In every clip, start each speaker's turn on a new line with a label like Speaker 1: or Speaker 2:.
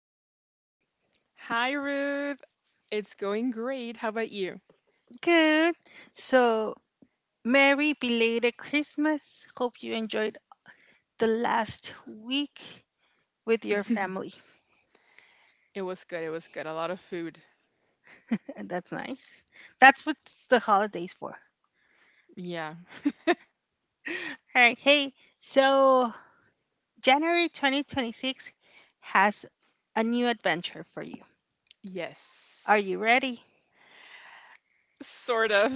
Speaker 1: How's it going?
Speaker 2: Hi, Ruth. It's going great. How about you?
Speaker 1: Good. So, Merry belated Christmas. Hope you enjoyed the last week with your family.
Speaker 2: It was good. It was good. A lot of food.
Speaker 1: And that's nice. That's what the holidays for.
Speaker 2: Yeah.
Speaker 1: All right. Hey, so January 2026 has a new adventure for you. Are
Speaker 2: Yes.
Speaker 1: you ready?
Speaker 2: Sort of.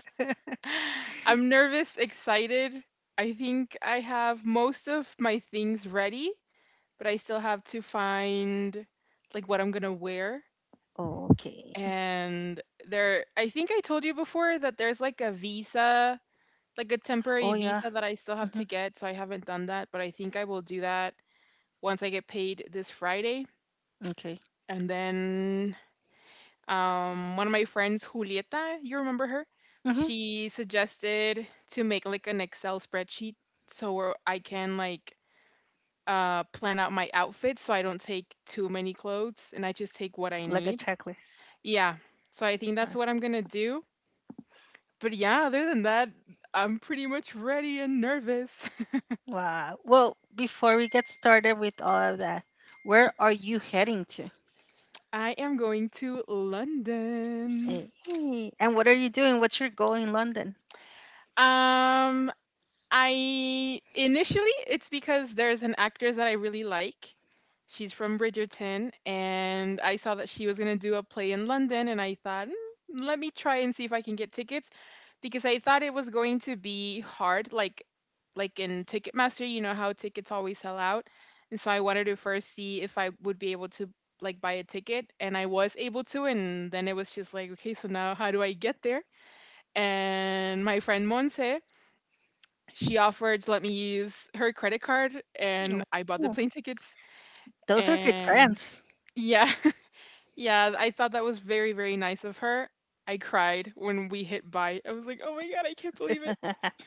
Speaker 2: I'm nervous, excited. I think I have most of my things ready, but I still have to find like what I'm gonna wear.
Speaker 1: Okay.
Speaker 2: And there, I think I told you before that there's like a visa, like a
Speaker 1: Oh,
Speaker 2: temporary
Speaker 1: yeah.
Speaker 2: visa that I still have
Speaker 1: Hmm.
Speaker 2: to get, so I haven't done that, but I think I will do that once I get paid this Friday.
Speaker 1: Okay.
Speaker 2: And then one of my friends, Julieta, you remember her?
Speaker 1: Hmm.
Speaker 2: She suggested to make like an Excel spreadsheet so where I can like plan out my outfits so I don't take too many clothes and I just take what I
Speaker 1: Like a
Speaker 2: need.
Speaker 1: checklist.
Speaker 2: Yeah, so I think that's
Speaker 1: All.
Speaker 2: what I'm gonna do. But yeah, other than that, I'm pretty much ready and nervous.
Speaker 1: Wow. Well, before we get started with all of that, where are you heading to?
Speaker 2: I am going to London.
Speaker 1: Hey. And what are you doing? What's your goal in London?
Speaker 2: Um, I initially it's because there's an actress that I really like. She's from Bridgerton, and I saw that she was gonna do a play in London, and I thought, "Mm, let me try and see if I can get tickets, because I thought it was going to be hard, like in Ticketmaster, you know how tickets always sell out, and so I wanted to first see if I would be able to like buy a ticket, and I was able to, and then it was just like, okay, so now how do I get there? And my friend Monse she offered to let me use her credit card, and I bought the
Speaker 1: Ooh,
Speaker 2: plane tickets.
Speaker 1: those are good
Speaker 2: And
Speaker 1: friends.
Speaker 2: yeah, yeah, I thought that was very, very nice of her. I cried when we hit buy. I was like, oh my God, I can't believe it.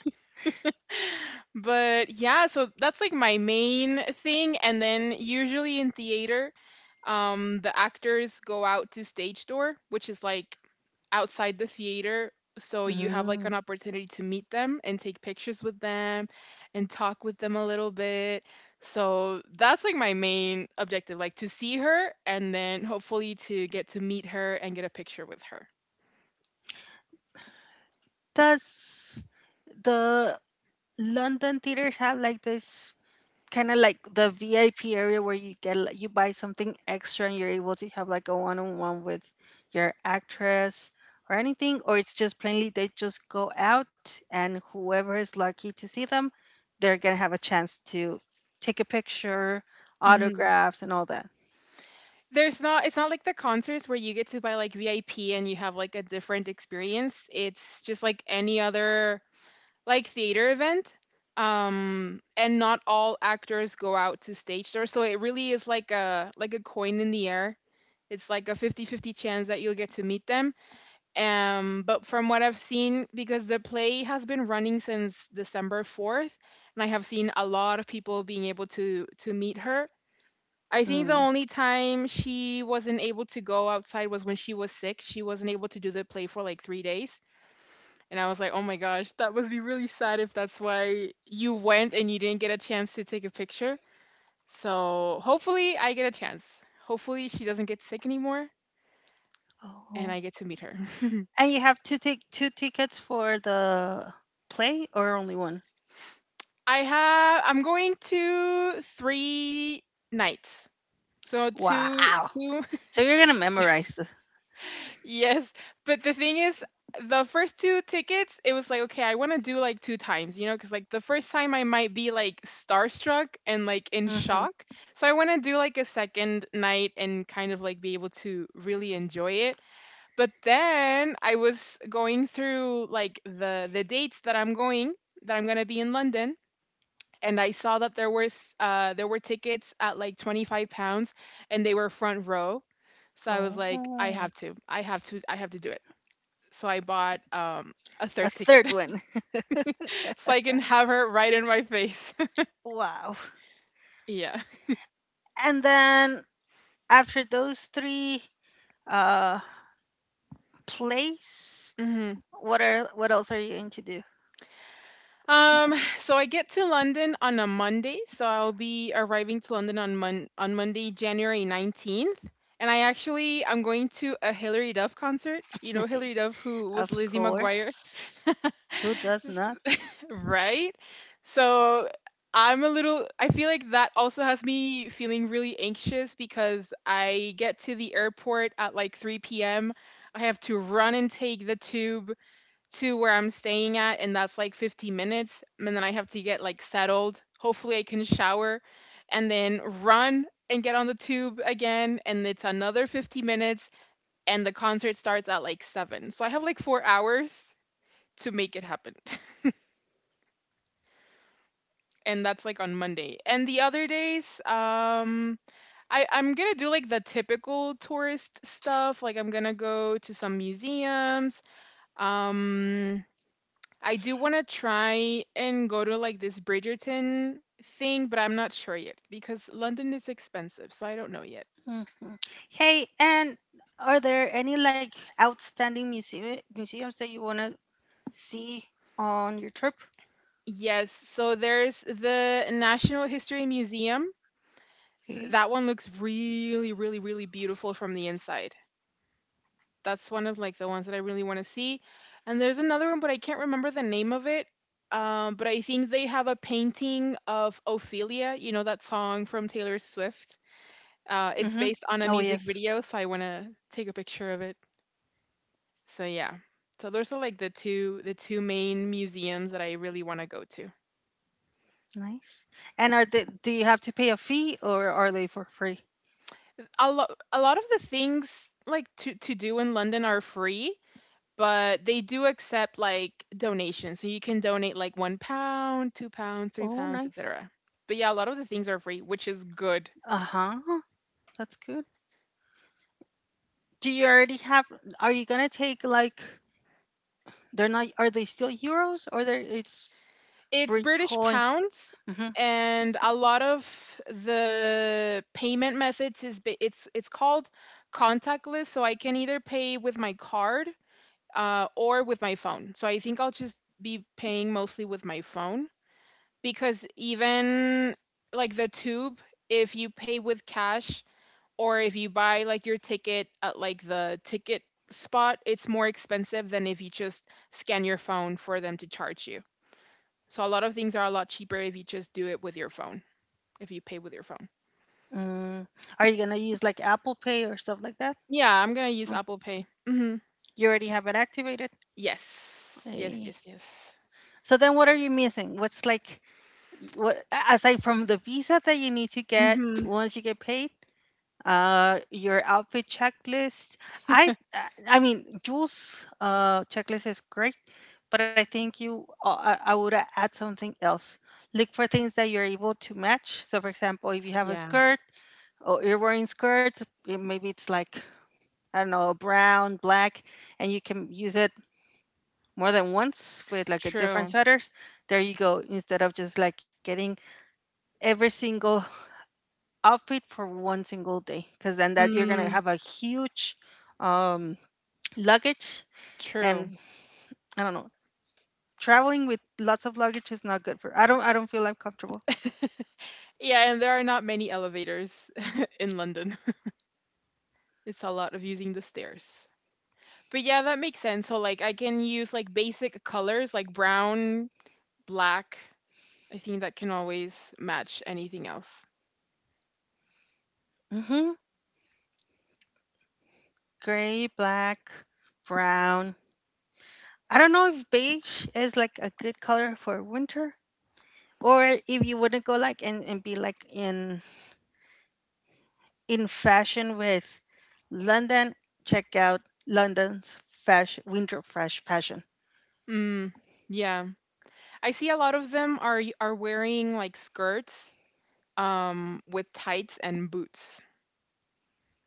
Speaker 2: But yeah, so that's like my main thing. And then usually in theater, the actors go out to stage door, which is like outside the theater. So you have like
Speaker 1: Mm.
Speaker 2: an opportunity to meet them and take pictures with them and talk with them a little bit. So that's like my main objective, like to see her and then hopefully to get to meet her and get a picture with her.
Speaker 1: Does the London theaters have like this kind of like the VIP area where you get like, you buy something extra and you're able to have like a one-on-one with your actress or anything, or it's just plainly they just go out and whoever is lucky to see them they're going to have a chance to take a picture,
Speaker 2: Mhm.
Speaker 1: autographs and all that.
Speaker 2: There's not it's not like the concerts where you get to buy, like, VIP and you have, like, a different experience. It's just like any other, like, theater event, and not all actors go out to stage door, so it really is like a coin in the air. It's like a 50-50 chance that you'll get to meet them, but from what I've seen because the play has been running since December 4th, and I have seen a lot of people being able to meet her, I think the
Speaker 1: Mm.
Speaker 2: only time she wasn't able to go outside was when she was sick. She wasn't able to do the play for like 3 days. And I was like, oh my gosh, that must be really sad if that's why you went and you didn't get a chance to take a picture. So hopefully I get a chance. Hopefully she doesn't get sick anymore and
Speaker 1: Oh.
Speaker 2: I get to meet her.
Speaker 1: And you have to take two tickets for the play or only one?
Speaker 2: I'm going to 3 nights. So two,
Speaker 1: Wow.
Speaker 2: two.
Speaker 1: So you're going to memorize the.
Speaker 2: Yes, but the thing is, the first 2 tickets, it was like, okay, I want to do like 2 times, because like the first time I might be like starstruck and like in
Speaker 1: Mhm.
Speaker 2: shock. So I want to do like a second night and kind of like be able to really enjoy it. But then I was going through like the dates that I'm going to be in London and I saw that there were tickets at like £25, and they were front row. So I was like, I
Speaker 1: Oh,
Speaker 2: have to, I have to, I have to do it. So I bought a
Speaker 1: a
Speaker 2: third ticket,
Speaker 1: third one.
Speaker 2: so I can have her right in my face.
Speaker 1: Wow.
Speaker 2: Yeah.
Speaker 1: And then after those three uh plays,
Speaker 2: Hmm.
Speaker 1: what are, what else are you going to do?
Speaker 2: So I get to London on a Monday, so I'll be arriving to London on Monday, January 19th. And I, actually, I'm going to a Hilary Duff concert. You know Hilary Duff, who was
Speaker 1: Of
Speaker 2: Lizzie McGuire.
Speaker 1: course. Who does not?
Speaker 2: Right? So I'm a little, I feel like that also has me feeling really anxious because I get to the airport at like 3 p.m. I have to run and take the tube to where I'm staying at, and that's like 50 minutes. And then I have to get like settled. Hopefully, I can shower and then run and get on the tube again. And it's another 50 minutes, and the concert starts at like 7. So I have like 4 hours to make it happen. And that's like on Monday. And the other days, I'm gonna do like the typical tourist stuff. Like I'm gonna go to some museums. Um, I do want to try and go to like this Bridgerton thing, but I'm not sure yet because London is expensive, so I don't know yet.
Speaker 1: Mhm. Hey, and are there any like outstanding museums that you want to see on your trip?
Speaker 2: Yes, so there's the National History Museum. Th-
Speaker 1: Okay.
Speaker 2: That one looks really, really, really beautiful from the inside. That's one of like the ones that I really want to see. And there's another one, but I can't remember the name of it. But I think they have a painting of Ophelia, you know, that song from Taylor Swift. It's
Speaker 1: Mm-hmm.
Speaker 2: based on
Speaker 1: Oh
Speaker 2: a music
Speaker 1: yes,
Speaker 2: video, so I want to take a picture of it. So yeah. So those are like the two main museums that I really want to go to.
Speaker 1: nice. And are they? Do you have to pay a fee, or are they for free?
Speaker 2: A lot of the things like to do in London are free, but they do accept like donations, so you can donate like £1, £2, three
Speaker 1: Oh,
Speaker 2: pounds,
Speaker 1: nice.
Speaker 2: etc. But yeah, a lot of the things are free, which is good.
Speaker 1: Uh huh. That's good. Do you already have, are you gonna take like, they're not, are they still euros or they it's
Speaker 2: It's British
Speaker 1: Bitcoin?
Speaker 2: pounds,
Speaker 1: Mm-hmm.
Speaker 2: and a lot of the payment methods is ba- it's called contactless. So I can either pay with my card or with my phone. So I think I'll just be paying mostly with my phone because even like the tube, if you pay with cash, or if you buy like your ticket at like the ticket spot, it's more expensive than if you just scan your phone for them to charge you. So a lot of things are a lot cheaper if you just do it with your phone, if you pay with your phone.
Speaker 1: Mm. Are you gonna use like Apple Pay or stuff like that?
Speaker 2: Yeah, I'm gonna use
Speaker 1: Mm.
Speaker 2: Apple Pay. Hmm.
Speaker 1: You already have it activated.
Speaker 2: Yes, yes,
Speaker 1: Eh.
Speaker 2: yes, yes.
Speaker 1: So then, what are you missing? What's like, what, aside from the visa that you need to get
Speaker 2: Hmm.
Speaker 1: once you get paid? Your outfit checklist. I I I mean, Jules' checklist is great, but I think you I would add something else. Look for things that you're able to match. So, for example, if you have a
Speaker 2: Yeah,
Speaker 1: skirt or you're wearing skirts, it- maybe it's like, I don't know, brown, black, and you can use it more than once with like a different
Speaker 2: true.
Speaker 1: sweaters. There you go. Instead of just like getting every single outfit for one single day, because then that you're gonna
Speaker 2: Mm,
Speaker 1: have a huge um, luggage
Speaker 2: true.
Speaker 1: and I don't know, traveling with lots of luggage is not good for, I don't feel I'm comfortable.
Speaker 2: Yeah, and there are not many elevators in London. It's a lot of using the stairs. But yeah, that makes sense. So like I can use like basic colors like brown, black. I think that can always match anything else.
Speaker 1: Hmm. Gray, black, brown. I don't know if beige is like a good color for winter, or if you wouldn't go like and be like in fashion with London. Check out London's fashion winter fresh fashion.
Speaker 2: Mm, yeah. I see a lot of them are are wearing like skirts with tights and boots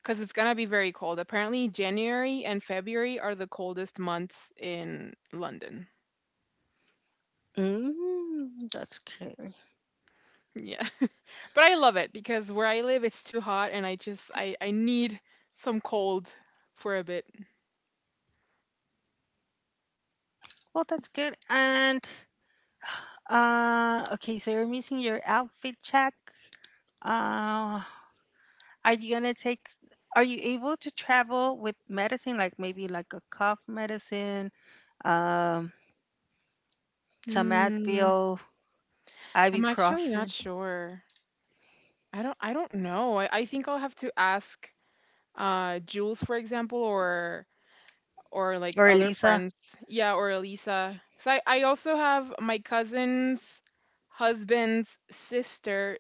Speaker 2: cuz it's going to be very cold. Apparently January and February are the coldest months in London.
Speaker 1: Mm, that's great.
Speaker 2: Yeah. But I love it because where I live it's too hot and I just I need some cold for a bit.
Speaker 1: Well, that's good. And okay, so you're missing your outfit check. Uh are you gonna take, are you able to travel with medicine, like maybe like a cough medicine, um, some
Speaker 2: Mm.
Speaker 1: Advil,
Speaker 2: I'm actually not
Speaker 1: ibuprofen,
Speaker 2: sure. I don't know. I think I'll have to ask Jules, for example, or like
Speaker 1: or
Speaker 2: other
Speaker 1: Elisa?
Speaker 2: friends. Yeah, or Elisa. 'Cause I also have my cousin's husband's sister.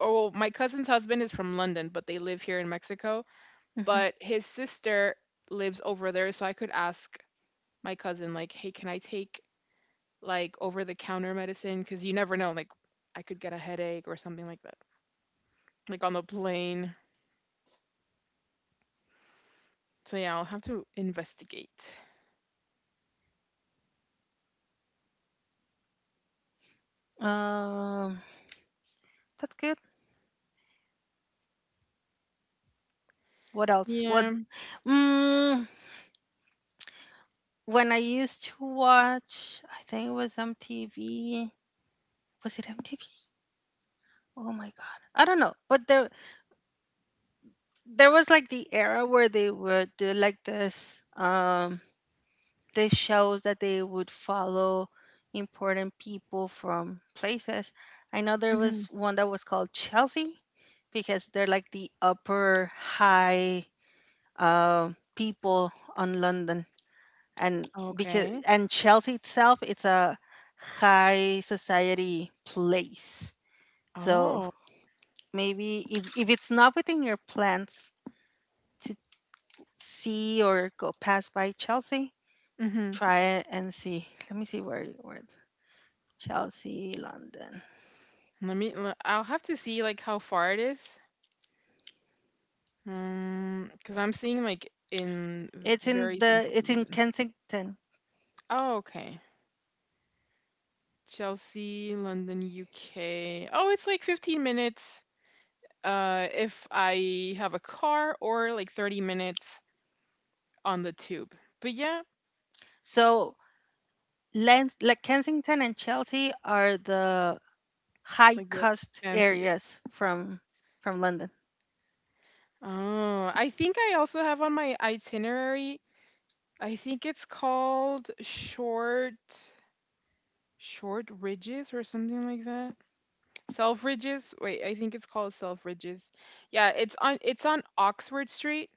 Speaker 2: Or well, my cousin's husband is from London, but they live here in Mexico.
Speaker 1: Hmm.
Speaker 2: But his sister lives over there, so I could ask my cousin, like, hey, can I take like over the counter medicine? Because you never know, like I could get a headache or something like that, like on the plane. So yeah, I'll have to investigate.
Speaker 1: Um that's good. What else? What,
Speaker 2: Yeah.
Speaker 1: mm, when I used to watch I think it was MTV. Was it MTV? Oh my god. I don't know. But there was like the era where they would do like this these shows that they would follow important people from places. I know there
Speaker 2: Hmm.
Speaker 1: was one that was called Chelsea, because they're like the upper high uh, people on London. And because,
Speaker 2: Okay.
Speaker 1: and Chelsea itself, it's a high society place. So
Speaker 2: Oh.
Speaker 1: maybe if it's not within your plans to see or go pass by Chelsea,
Speaker 2: Hmm.
Speaker 1: try it and see. Let me see where it- Chelsea, London.
Speaker 2: Let me. I'll have to see like how far it is. Because I'm seeing like in
Speaker 1: It's in
Speaker 2: very
Speaker 1: the,
Speaker 2: central
Speaker 1: it's in
Speaker 2: London.
Speaker 1: Kensington.
Speaker 2: Oh, okay. Chelsea, London, UK. Oh, it's like 15 minutes. If I have a car or like 30 minutes on the tube. But yeah,
Speaker 1: So Len, like Kensington and Chelsea are the high
Speaker 2: like the
Speaker 1: cost
Speaker 2: fanciest.
Speaker 1: areas from London.
Speaker 2: Oh, I think I also have on my itinerary, I think it's called Short Ridges or something like that. Self Ridges. Wait, I think it's called Self Ridges. Yeah, it's on Oxford Street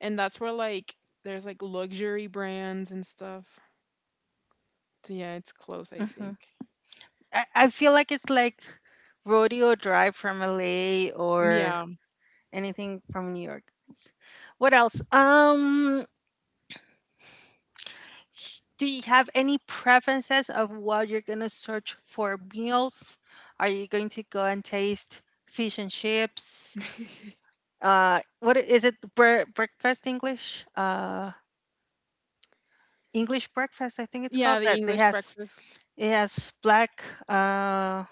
Speaker 2: and that's where like there's like luxury brands and stuff. So yeah, it's close, I
Speaker 1: Hmm.
Speaker 2: think.
Speaker 1: I feel like it's like Rodeo Drive from LA or
Speaker 2: Yeah.
Speaker 1: anything from New York. What else? Do you have any preferences of what you're gonna search for meals? Are you going to go and taste fish and chips? What I- is it? Bre- breakfast English? English breakfast, I think it's
Speaker 2: Yeah,
Speaker 1: called.
Speaker 2: the
Speaker 1: That they
Speaker 2: English
Speaker 1: has,
Speaker 2: breakfast
Speaker 1: it has black uh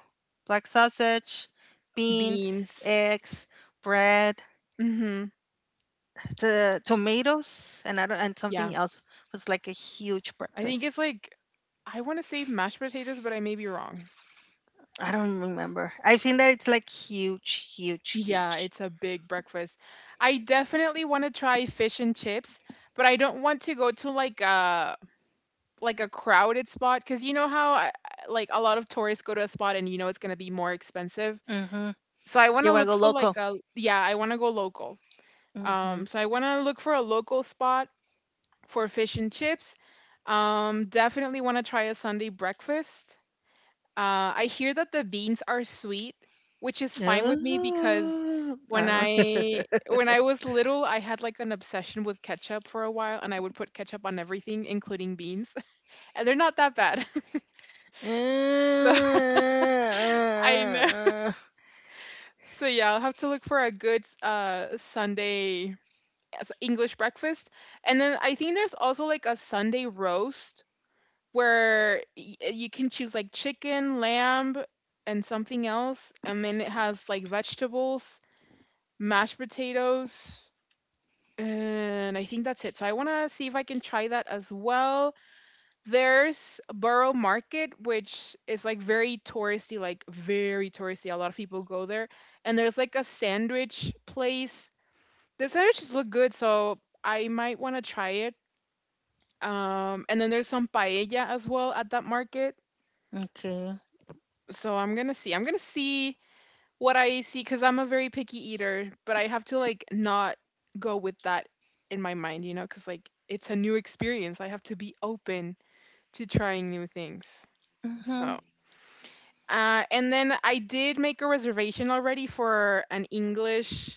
Speaker 1: black sausage, beans,
Speaker 2: beans.
Speaker 1: eggs, bread,
Speaker 2: Mhm.
Speaker 1: the tomatoes, and I don't, and
Speaker 2: Yeah.
Speaker 1: something else. It was like a huge
Speaker 2: I think it's
Speaker 1: breakfast.
Speaker 2: like I want to say mashed potatoes, but I may be wrong.
Speaker 1: I don't remember. I've seen that it's like huge, huge,
Speaker 2: Yeah,
Speaker 1: huge.
Speaker 2: it's a big breakfast. I definitely want to try fish and chips, but I don't want to go to like a crowded spot because you know how I, like a lot of tourists go to a spot and you know it's gonna be more expensive.
Speaker 1: Mhm.
Speaker 2: So I want
Speaker 1: You
Speaker 2: to
Speaker 1: wanna
Speaker 2: look
Speaker 1: go
Speaker 2: for like
Speaker 1: local.
Speaker 2: a yeah, I want to go local.
Speaker 1: Mhm.
Speaker 2: So I want to look for a local spot for fish and chips. Definitely want to try a Sunday breakfast. I hear that the beans are sweet, which is fine with me because
Speaker 1: Oh,
Speaker 2: when
Speaker 1: I don't.
Speaker 2: I when I was little, I had like an obsession with ketchup for a while, and I would put ketchup on everything, including beans. And they're not that bad. So I know.
Speaker 1: Uh,
Speaker 2: So yeah, I'll have to look for a good Sunday English breakfast. And then I think there's also like a Sunday roast where you can choose like chicken, lamb, and something else. And then it has like vegetables, mashed potatoes, and I think that's it. So I want to see if I can try that as well. There's Borough Market, which is like very touristy, like very touristy. A lot of people go there, and there's like a sandwich place. The sandwiches look good, so I might want to try it. And then there's some paella as well at that market.
Speaker 1: okay.
Speaker 2: So I'm gonna see. I'm gonna see what I see, because 'cause I'm a very picky eater, but I have to, like, not go with that in my mind, you know, cause like, it's a new experience. I have to be open to trying new things. So,
Speaker 1: Mhm.
Speaker 2: and then I did make a reservation already for an English,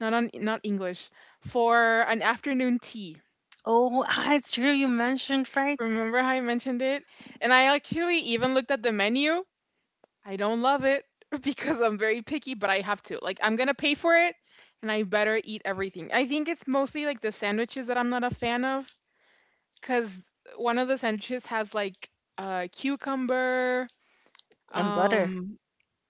Speaker 2: not on, not English, for an afternoon tea.
Speaker 1: Oh, ah, it's true you mentioned, right?
Speaker 2: Remember how I mentioned it? And I actually even looked at the menu. I don't love it because I'm very picky, but I have to. Like, I'm gonna pay for it, and I better eat everything. I think it's mostly like the sandwiches that I'm not a fan of, because one of the sandwiches has like cucumber,
Speaker 1: And butter.
Speaker 2: um,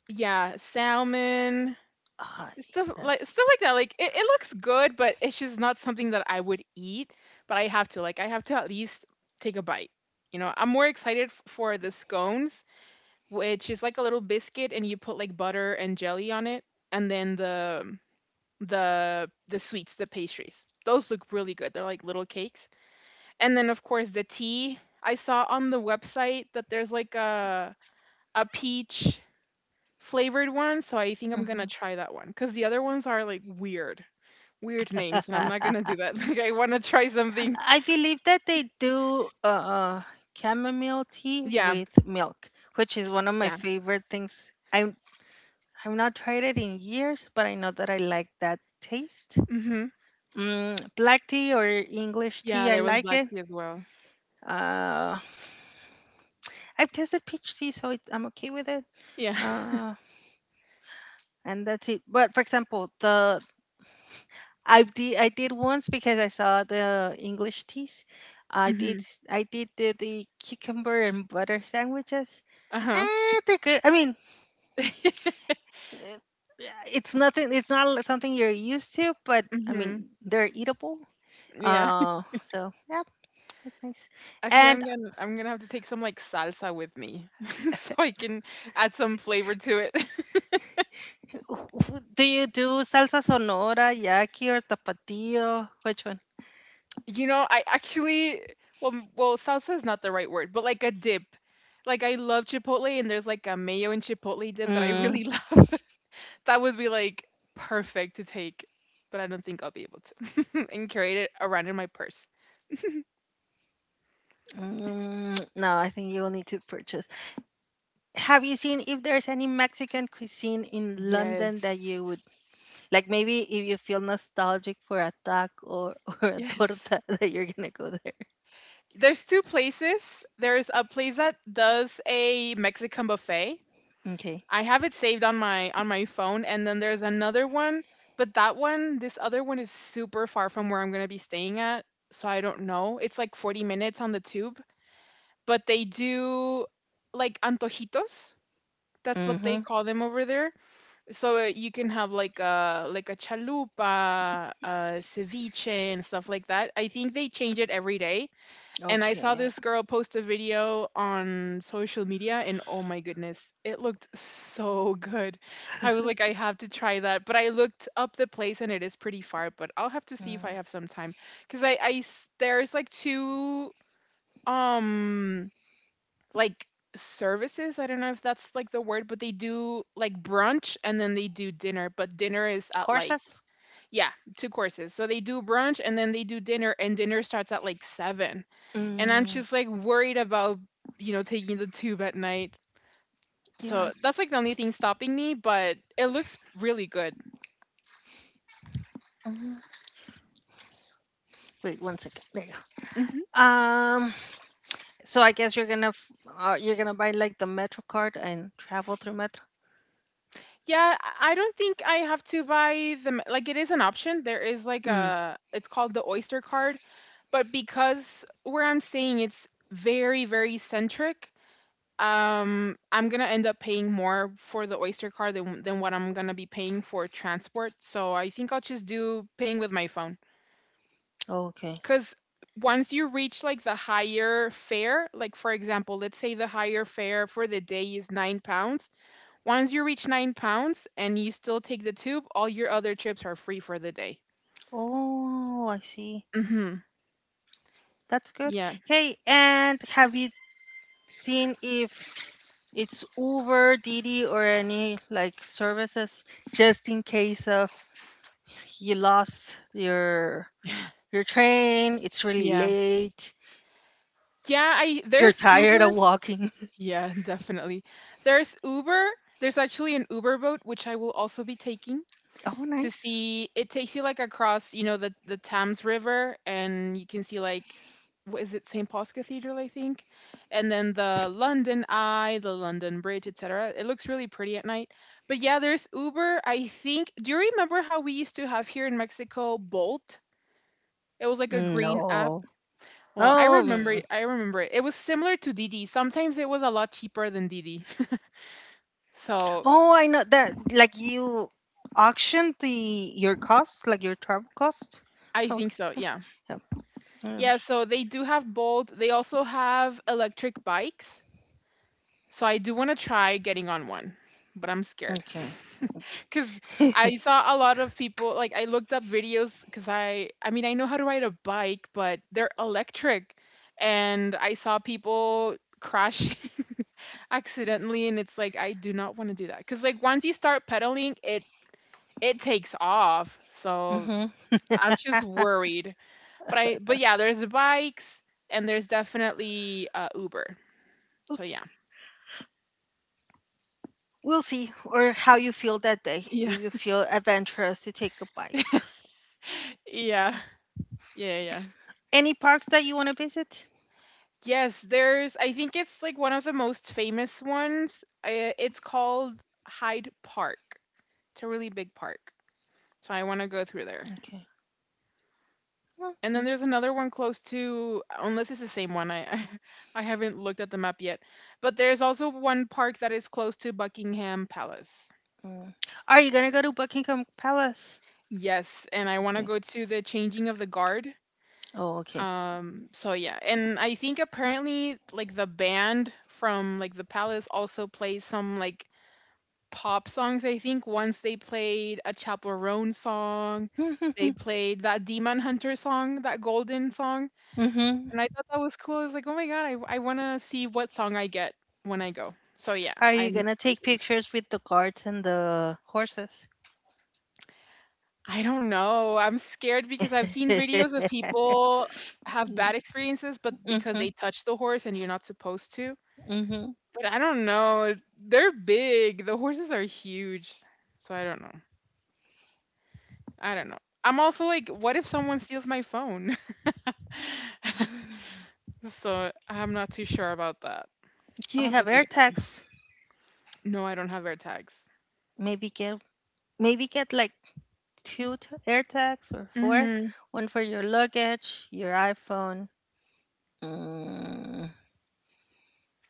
Speaker 2: yeah, salmon,
Speaker 1: Ah, that's.
Speaker 2: stuff like that. Like, it looks good, but it's just not something that I would eat. But I have to. Like, I have to at least take a bite. You know, I'm more excited for the scones, which is like a little biscuit and you put like butter and jelly on it, and then the sweets, the pastries, those look really good, they're like little cakes. And then of course the tea, I saw on the website that there's like a peach flavored one, so I think I'm gonna
Speaker 1: Mhm.
Speaker 2: try that one because the other ones are like weird names and I'm not gonna do that. Like I want to try something.
Speaker 1: I believe that they do, chamomile tea
Speaker 2: Yeah,
Speaker 1: with milk, which is one of my
Speaker 2: yeah.
Speaker 1: favorite things. I'm, I've not tried it in years, but I know that I like that taste.
Speaker 2: Hmm.
Speaker 1: Mm, black tea or English tea,
Speaker 2: Yeah,
Speaker 1: I
Speaker 2: there was
Speaker 1: like
Speaker 2: black
Speaker 1: it.
Speaker 2: tea as well.
Speaker 1: Uh, I've tested peach tea, so it, I'm okay with it.
Speaker 2: Yeah.
Speaker 1: Uh, and that's it. But for example, the, I've de- I did once because I saw the English teas. I
Speaker 2: Mm-hmm.
Speaker 1: did s- I did the cucumber and butter sandwiches.
Speaker 2: Uh-huh.
Speaker 1: Eh, they're good. I mean, eh, it's nothing. It's not li- something you're used to, but I
Speaker 2: Hmm.
Speaker 1: mean, they're eatable.
Speaker 2: Yeah,
Speaker 1: So yeah, that's nice.
Speaker 2: I feel
Speaker 1: And
Speaker 2: I'm gonna have to take some like salsa with me so I can add some flavor to it.
Speaker 1: wh- do you do salsa sonora, yaqui, or tapatio? Which one?
Speaker 2: You know, I actually, well well salsa is not the right word, but like a dip. Like I love chipotle and there's like a mayo and chipotle dip that I
Speaker 1: Mm,
Speaker 2: really love. That would be like perfect to take, but I don't think I'll be able to and carry it around in my purse.
Speaker 1: mm, no, I think you will need to purchase. Have you seen if there's any Mexican cuisine in London that
Speaker 2: Yes.
Speaker 1: you would like? Maybe if you feel nostalgic for a taco or, or a
Speaker 2: Yes.
Speaker 1: torta, that you're gonna go there.
Speaker 2: There's two places. There's a place that does a Mexican buffet.
Speaker 1: Okay.
Speaker 2: I have it saved on my phone, and then there's another one, but that one, this other one is super far from where I'm gonna be staying at, so I don't know. It's like 40 minutes on the tube, but they do like antojitos. That's what they
Speaker 1: Mm-hmm.
Speaker 2: call them over there. So you can have like a chalupa, ceviche and stuff like that. I think they change it every day, and I saw
Speaker 1: Okay.
Speaker 2: this girl post a video on social media, and oh my goodness, it looked so good. I was like, I have to try that. But I looked up the place, and it is pretty far. But I'll have to see if I
Speaker 1: Mm.
Speaker 2: have some time, because there's like 2 um like services. I don't know if that's like the word, but they do like brunch and then they do dinner. But dinner is at like
Speaker 1: Courses.
Speaker 2: yeah, two courses. So they do brunch and then they do dinner, and dinner starts at like 7, and I'm
Speaker 1: Mm,
Speaker 2: just like worried about, you know, taking the tube at night.
Speaker 1: yeah.
Speaker 2: So that's like the only thing stopping me, but it looks really good.
Speaker 1: Mhm. Wait one second. There you
Speaker 2: Hmm.
Speaker 1: go. So I guess you're gonna f- you're gonna buy like the Metro card and travel through Metro.
Speaker 2: Yeah, I don't think I have to buy them. Like it is an option. There is like
Speaker 1: Mm.
Speaker 2: a, it's called the Oyster card, but because where I'm staying it's very centric, I'm going to end up paying more for the Oyster card than what I'm going to be paying for transport. So I think I'll just do paying with my phone.
Speaker 1: Okay.
Speaker 2: Because once you reach like the higher fare, like for example, let's say the higher fare for the day is £9. Once you reach £9 and you still take the tube, all your other trips are free for the day.
Speaker 1: Oh, I see.
Speaker 2: Mm-hmm.
Speaker 1: That's good.
Speaker 2: Yeah.
Speaker 1: Hey, and have you seen if it's Uber, Didi, or any like services just in case of you lost your train? It's really
Speaker 2: Yeah.
Speaker 1: late.
Speaker 2: Yeah, I
Speaker 1: You're
Speaker 2: there's
Speaker 1: tired
Speaker 2: Uber.
Speaker 1: of walking.
Speaker 2: Yeah, definitely. There's Uber. There's actually an Uber boat which I will also be taking,
Speaker 1: Oh,
Speaker 2: to
Speaker 1: nice.
Speaker 2: see, it takes you like across, you know, the Thames River and you can see like what is it, St Paul's Cathedral I think, and then the London Eye, the London Bridge, etc. It looks really pretty at night. But yeah, there's Uber. I think, do you remember how we used to have here in Mexico, Bolt? It was like a green app.
Speaker 1: No.
Speaker 2: Well,
Speaker 1: Oh. Mm.
Speaker 2: I remember it, it was similar to Didi, sometimes it was a lot cheaper than Didi. So
Speaker 1: Oh, I know that. Like you auction the your costs, like your travel costs,
Speaker 2: I think
Speaker 1: something
Speaker 2: so.
Speaker 1: like
Speaker 2: Yeah.
Speaker 1: that. Yeah. Yeah.
Speaker 2: Yeah, so they do have both. They also have electric bikes. So I do want to try getting on one, but I'm scared.
Speaker 1: Okay.
Speaker 2: Because I saw a lot of people, like, I looked up videos because I mean, I know how to ride a bike, but they're electric. And I saw people crash accidentally, and it's like, I do not want to do that. Because, like, once you start pedaling, it takes off. So
Speaker 1: Hmm.
Speaker 2: I'm just worried. But yeah, there's bikes and there's definitely, Uber. So yeah.
Speaker 1: We'll see, or how you feel that day.
Speaker 2: Yeah.
Speaker 1: If you feel adventurous to take a bike,
Speaker 2: Yeah. Yeah, yeah.
Speaker 1: any parks that you want to visit?
Speaker 2: Yes, there's, I think it's, like, one of the most famous ones. It's called Hyde Park. It's a really big park, so I wanna go through there.
Speaker 1: Okay. Mm,
Speaker 2: And then
Speaker 1: mm,
Speaker 2: there's another one close to, unless it's the same one, I I haven't looked at the map yet. But there's also one park that is close to Buckingham Palace.
Speaker 1: mm. Are you gonna go to Buckingham Palace?
Speaker 2: Yes, and I wanna
Speaker 1: Okay.
Speaker 2: go to the changing of the guard.
Speaker 1: Oh, okay.
Speaker 2: So yeah, and I think apparently like the band from like the palace also plays some like pop songs. I think once they played a Chaperone song, they played that Demon Hunter song, that Golden song,
Speaker 1: Hmm.
Speaker 2: and I thought that was cool. I was like, oh my god, I wanna see what song I get when I go. So yeah,
Speaker 1: Are you
Speaker 2: I'm
Speaker 1: gonna
Speaker 2: definitely
Speaker 1: take
Speaker 2: doing that.
Speaker 1: pictures with the guards and the horses?
Speaker 2: I don't know. I'm scared because I've seen videos of people have
Speaker 1: Hmm.
Speaker 2: bad experiences, but because they touch the horse and you're not supposed to.
Speaker 1: Hmm.
Speaker 2: But I don't know. They're big. The horses are huge. So I don't know. I don't know. I'm also like, what if someone steals my phone? So I'm not too sure about that.
Speaker 1: Do
Speaker 2: I'll
Speaker 1: you
Speaker 2: have to
Speaker 1: have
Speaker 2: think
Speaker 1: air
Speaker 2: about it.
Speaker 1: tags?
Speaker 2: No, I don't have AirTags.
Speaker 1: Maybe get, maybe get like two t- air tags or four.
Speaker 2: Mm-hmm.
Speaker 1: One for your luggage, your iPhone. Mm,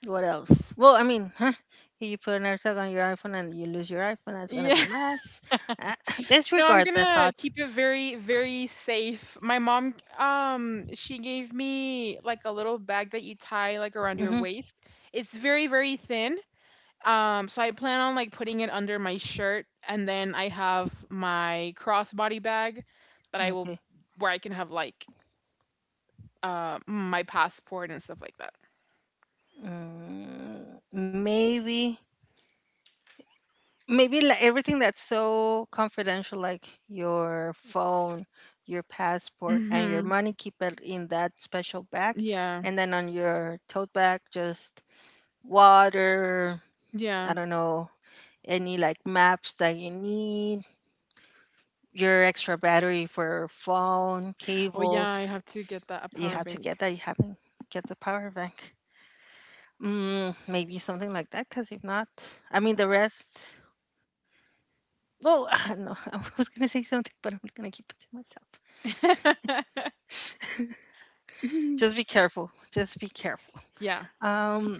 Speaker 1: what else? Well, I mean, huh? If you put an air tag on your iPhone and you lose your iPhone, that's gonna be
Speaker 2: Yeah.
Speaker 1: a mess. Uh,
Speaker 2: No, I'm
Speaker 1: disregard that
Speaker 2: gonna
Speaker 1: thought.
Speaker 2: keep it very, very safe. My mom, she gave me like a little bag that you tie like around your
Speaker 1: Hmm.
Speaker 2: waist. It's very, very thin. So I plan on like putting it under my shirt, and then I have my crossbody bag that I will
Speaker 1: Okay.
Speaker 2: where I can have like my passport and stuff like that.
Speaker 1: Mm, maybe, maybe like everything that's so confidential like your phone, your passport and your
Speaker 2: Mhm.
Speaker 1: money, keep it in that special bag,
Speaker 2: Yeah.
Speaker 1: and then on your tote bag just water. I
Speaker 2: Yeah.
Speaker 1: don't know, any like maps that you need, your extra battery for phone
Speaker 2: Oh yeah, I
Speaker 1: cables.
Speaker 2: have to get that, a
Speaker 1: You
Speaker 2: power
Speaker 1: have to
Speaker 2: bank.
Speaker 1: get that, you haven't, get the power bank. Mm, maybe something like that, because if not, I mean, the rest. Well, no, I was gonna say something, but I'm gonna keep it to myself.
Speaker 2: Mhm.
Speaker 1: Just be careful. Just be careful.
Speaker 2: Yeah.
Speaker 1: Um,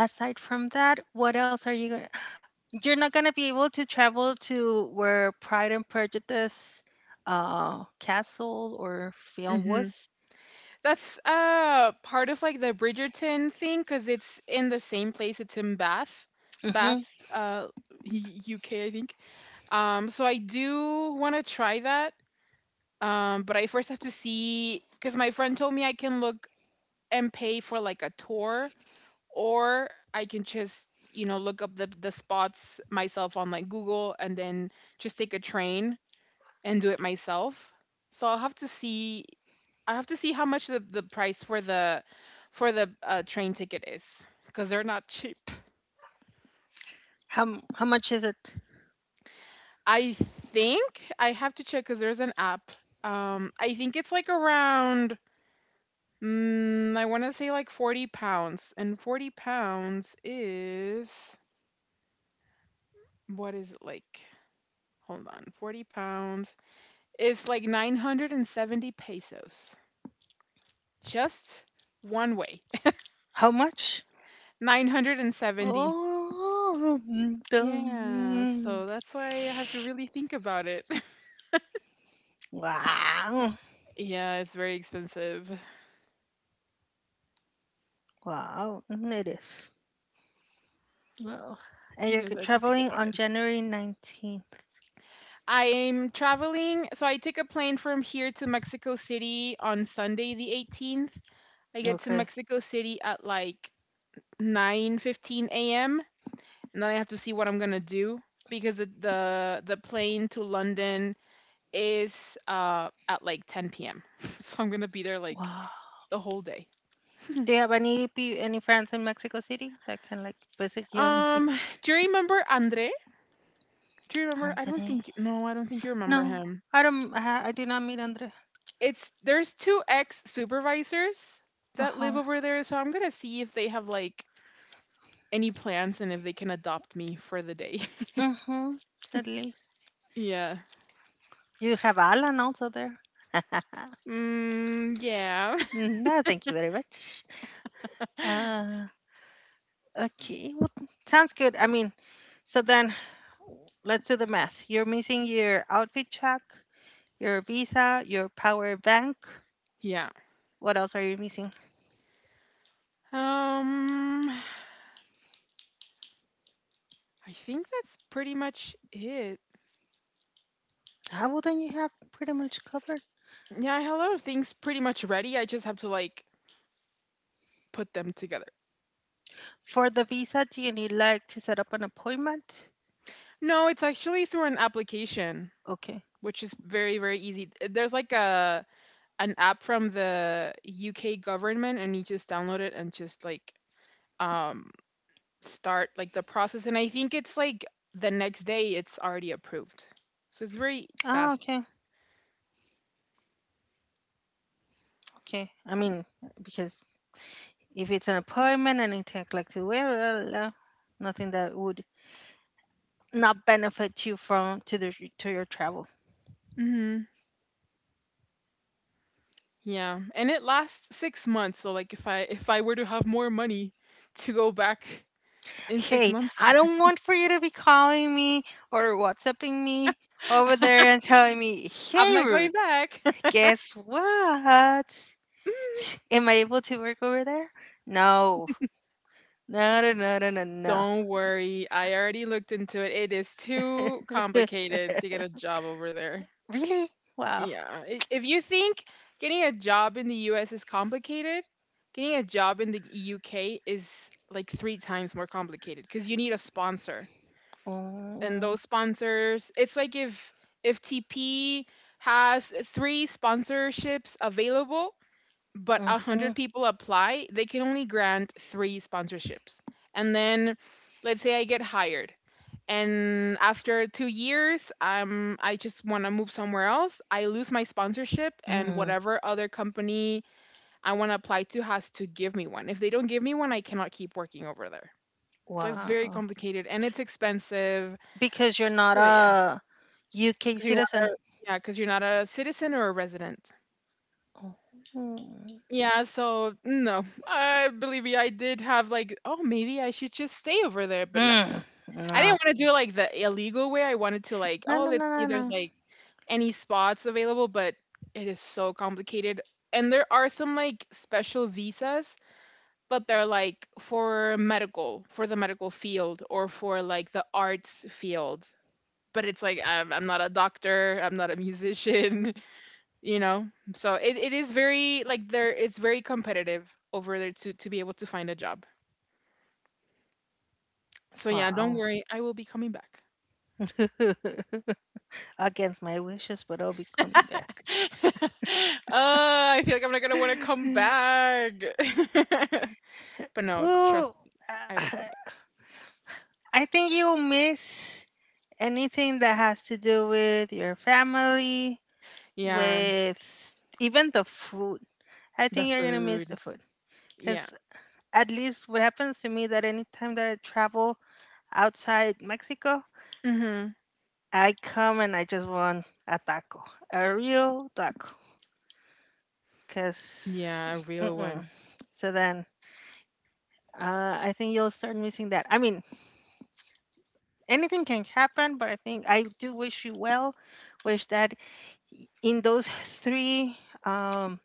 Speaker 1: aside from that, what else are you gonna? You're not gonna be able to travel to where Pride and Prejudice, castle or film
Speaker 2: Mhm.
Speaker 1: was.
Speaker 2: That's part of like the Bridgerton thing cuz it's in the same place, it's in Bath. Bath,
Speaker 1: Mm-hmm.
Speaker 2: UK I think. So I do want to try that. But I first have to see because my friend told me I can look and pay for like a tour, or I can just, you know, look up the spots myself on like Google and then just take a train and do it myself. So I'll have to see. I have to see how much the price for the train ticket is because they're not cheap.
Speaker 1: How m- how much is it?
Speaker 2: I think I have to check because there's an app. I think it's like around, mm, I want to say like £40. And £40 is, what is it like? Hold on. £40 is like 970 pesos. Just one way.
Speaker 1: How much?
Speaker 2: 970.
Speaker 1: Oh, mm, the-
Speaker 2: Yeah,
Speaker 1: mm.
Speaker 2: so that's why I have to really think about it.
Speaker 1: Wow,
Speaker 2: Yeah, it's very expensive.
Speaker 1: wow, mm, it is. Wow. And you're
Speaker 2: Yes, I have to think
Speaker 1: traveling
Speaker 2: about
Speaker 1: on
Speaker 2: it.
Speaker 1: January 19th.
Speaker 2: I'm traveling. So I take a plane from here to Mexico City on Sunday, the 18th. I get to
Speaker 1: Okay.
Speaker 2: Mexico City at like 9:15 a.m., and then I have to see what I'm gonna do because the plane to London is at like 10 p.m. So I'm gonna be there like
Speaker 1: Wow.
Speaker 2: the whole day.
Speaker 1: Do you have any pe- any friends in Mexico City that can like visit you and
Speaker 2: Um, do you remember Andre? Do you remember? I don't
Speaker 1: Andre?
Speaker 2: think you, no, I don't think you
Speaker 1: No,
Speaker 2: remember him.
Speaker 1: I don't. I did not meet Andre.
Speaker 2: It's there's two ex supervisors
Speaker 1: Uh
Speaker 2: that live
Speaker 1: huh.
Speaker 2: over there, so I'm gonna see if they have like any plans and if they can adopt me for the day.
Speaker 1: Mm hmm. At least
Speaker 2: Yeah.
Speaker 1: you have Alan also there.
Speaker 2: Mm, yeah.
Speaker 1: Mm, no, thank you very much. Uh, okay. Well, sounds good. I mean, so then let's do the math. You're missing your outfit check, your visa, your power bank.
Speaker 2: Yeah.
Speaker 1: What else are you missing?
Speaker 2: Um, I think that's pretty much it.
Speaker 1: Ah, well, then you have pretty much covered.
Speaker 2: Yeah, I have a lot of things pretty much ready. I just have to like put them together.
Speaker 1: For the visa, do you need like to set up an appointment?
Speaker 2: No, it's actually through an application,
Speaker 1: Okay.
Speaker 2: which is very, very easy. There's like a an app from the UK government, and you just download it and just like um start like the process, and I think it's like the next day it's already approved. So it's very
Speaker 1: Ah,
Speaker 2: fast.
Speaker 1: okay. Okay. I mean, because if it's an appointment and it takes like two weeks, blah, blah, blah, nothing that would not benefit you from to the to your travel.
Speaker 2: Mhm. Yeah, and it lasts 6 months. So like if I were to have more money to go back in six
Speaker 1: Hey,
Speaker 2: months,
Speaker 1: I don't want for you to be calling me or WhatsApping me over there and telling me,
Speaker 2: I'm
Speaker 1: "Hey,
Speaker 2: not going
Speaker 1: Ruth,
Speaker 2: back.
Speaker 1: guess what? Am I able to work over there?" No. Na na na na na na.
Speaker 2: Don't worry, I already looked into it. It is too complicated to get a job over there.
Speaker 1: Really? Wow.
Speaker 2: Yeah, if you think getting a job in the US is complicated, getting a job in the UK is like three times more complicated because you need a sponsor. And
Speaker 1: Oh.
Speaker 2: those sponsors, it's like if tp has three sponsorships available but a
Speaker 1: Mm-hmm.
Speaker 2: 100 people apply, they can only grant three sponsorships. And then let's say I get hired, and after 2 years, I just want to move somewhere else, I lose my sponsorship, and
Speaker 1: Mm.
Speaker 2: whatever other company I want to apply to has to give me one. If they don't give me one, I cannot keep working over there. So it's very
Speaker 1: Wow.
Speaker 2: complicated and it's expensive,
Speaker 1: Because you're not
Speaker 2: so yeah.
Speaker 1: a UK
Speaker 2: 'Cause you're
Speaker 1: citizen.
Speaker 2: not, yeah, 'cause you're not a citizen or a resident.
Speaker 1: Oh. Mm.
Speaker 2: Yeah, so no. I believe me, I did have like, "Oh, maybe I should just stay over there," but no.
Speaker 1: Mm,
Speaker 2: I
Speaker 1: no.
Speaker 2: didn't wanna do like the illegal way. I wanted to like,
Speaker 1: No,
Speaker 2: "Oh,
Speaker 1: no,
Speaker 2: let's
Speaker 1: no,
Speaker 2: see
Speaker 1: no,
Speaker 2: if there's
Speaker 1: no.
Speaker 2: like any spots available," but it is so complicated. And there are some like special visas, but they're like for medical for the medical field, or for like the arts field. But it's like, I'm not a doctor, I'm not a musician. You know? So it is very like there it's very competitive over there to be able to find a job. So yeah,
Speaker 1: Wow.
Speaker 2: don't worry, I will be coming back.
Speaker 1: Against my wishes, but I'll be coming back.
Speaker 2: Oh, I feel like I'm not gonna want to come back. But no, trust
Speaker 1: Well,
Speaker 2: me, I will
Speaker 1: uh,
Speaker 2: come back.
Speaker 1: I think you'll miss anything that has to do with your family,
Speaker 2: Yeah,
Speaker 1: with even the food. I
Speaker 2: the
Speaker 1: think you're gonna miss the
Speaker 2: food.
Speaker 1: food,
Speaker 2: Yeah.
Speaker 1: because at least what happens to me that anytime that I travel outside Mexico,
Speaker 2: Mhm.
Speaker 1: I come and I just want a taco, a real taco. Cause,
Speaker 2: Yeah, a real
Speaker 1: mm-mm.
Speaker 2: one.
Speaker 1: So then I think you'll start missing that. I mean, anything can happen, but I think I do wish you well. Wish that in those three um,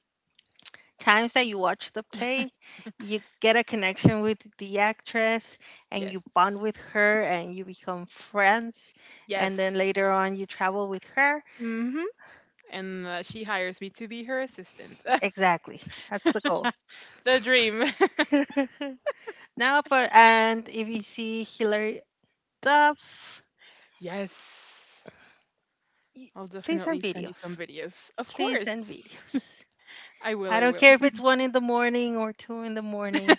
Speaker 1: times that you watch the play, you get a connection with the actress and you bond
Speaker 2: Yes.
Speaker 1: with her and you become friends. And
Speaker 2: Yes.
Speaker 1: then later on, you travel with her.
Speaker 2: Hmm. And she hires me to be her assistant.
Speaker 1: Exactly. That's the goal.
Speaker 2: The dream.
Speaker 1: Now, but, and if you see Hilary Duff,
Speaker 2: Yes.
Speaker 1: y-
Speaker 2: I'll
Speaker 1: please send
Speaker 2: definitely send you some
Speaker 1: videos.
Speaker 2: videos. Of
Speaker 1: Please
Speaker 2: course.
Speaker 1: send videos.
Speaker 2: I will,
Speaker 1: I
Speaker 2: I
Speaker 1: don't
Speaker 2: will.
Speaker 1: care if it's one in the morning or two in the morning.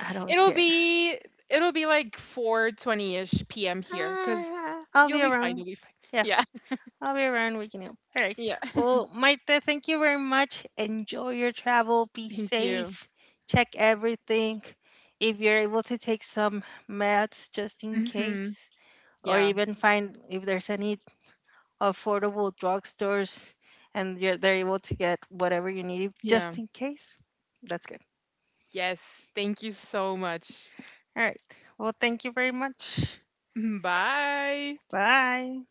Speaker 1: I don't
Speaker 2: It'll
Speaker 1: care.
Speaker 2: be it'll be like 4:20ish p.m. here cuz
Speaker 1: Ah, I'll
Speaker 2: you'll
Speaker 1: be
Speaker 2: be fine, you'll
Speaker 1: around.
Speaker 2: be fine.
Speaker 1: Yeah.
Speaker 2: Yeah.
Speaker 1: I'll be around. We can help. All right.
Speaker 2: Yeah.
Speaker 1: Well, Maite, thank you very much. Enjoy your travel. Be
Speaker 2: Thank you.
Speaker 1: safe. Check everything. If you're able to take some meds just in
Speaker 2: Mhm.
Speaker 1: case, or
Speaker 2: Yeah.
Speaker 1: even find if there's any affordable drugstores and you're, they're able to get whatever you need
Speaker 2: Yeah.
Speaker 1: just in case, that's good.
Speaker 2: Yes. Thank you so much.
Speaker 1: All right. Well, thank you very much.
Speaker 2: Bye.
Speaker 1: Bye.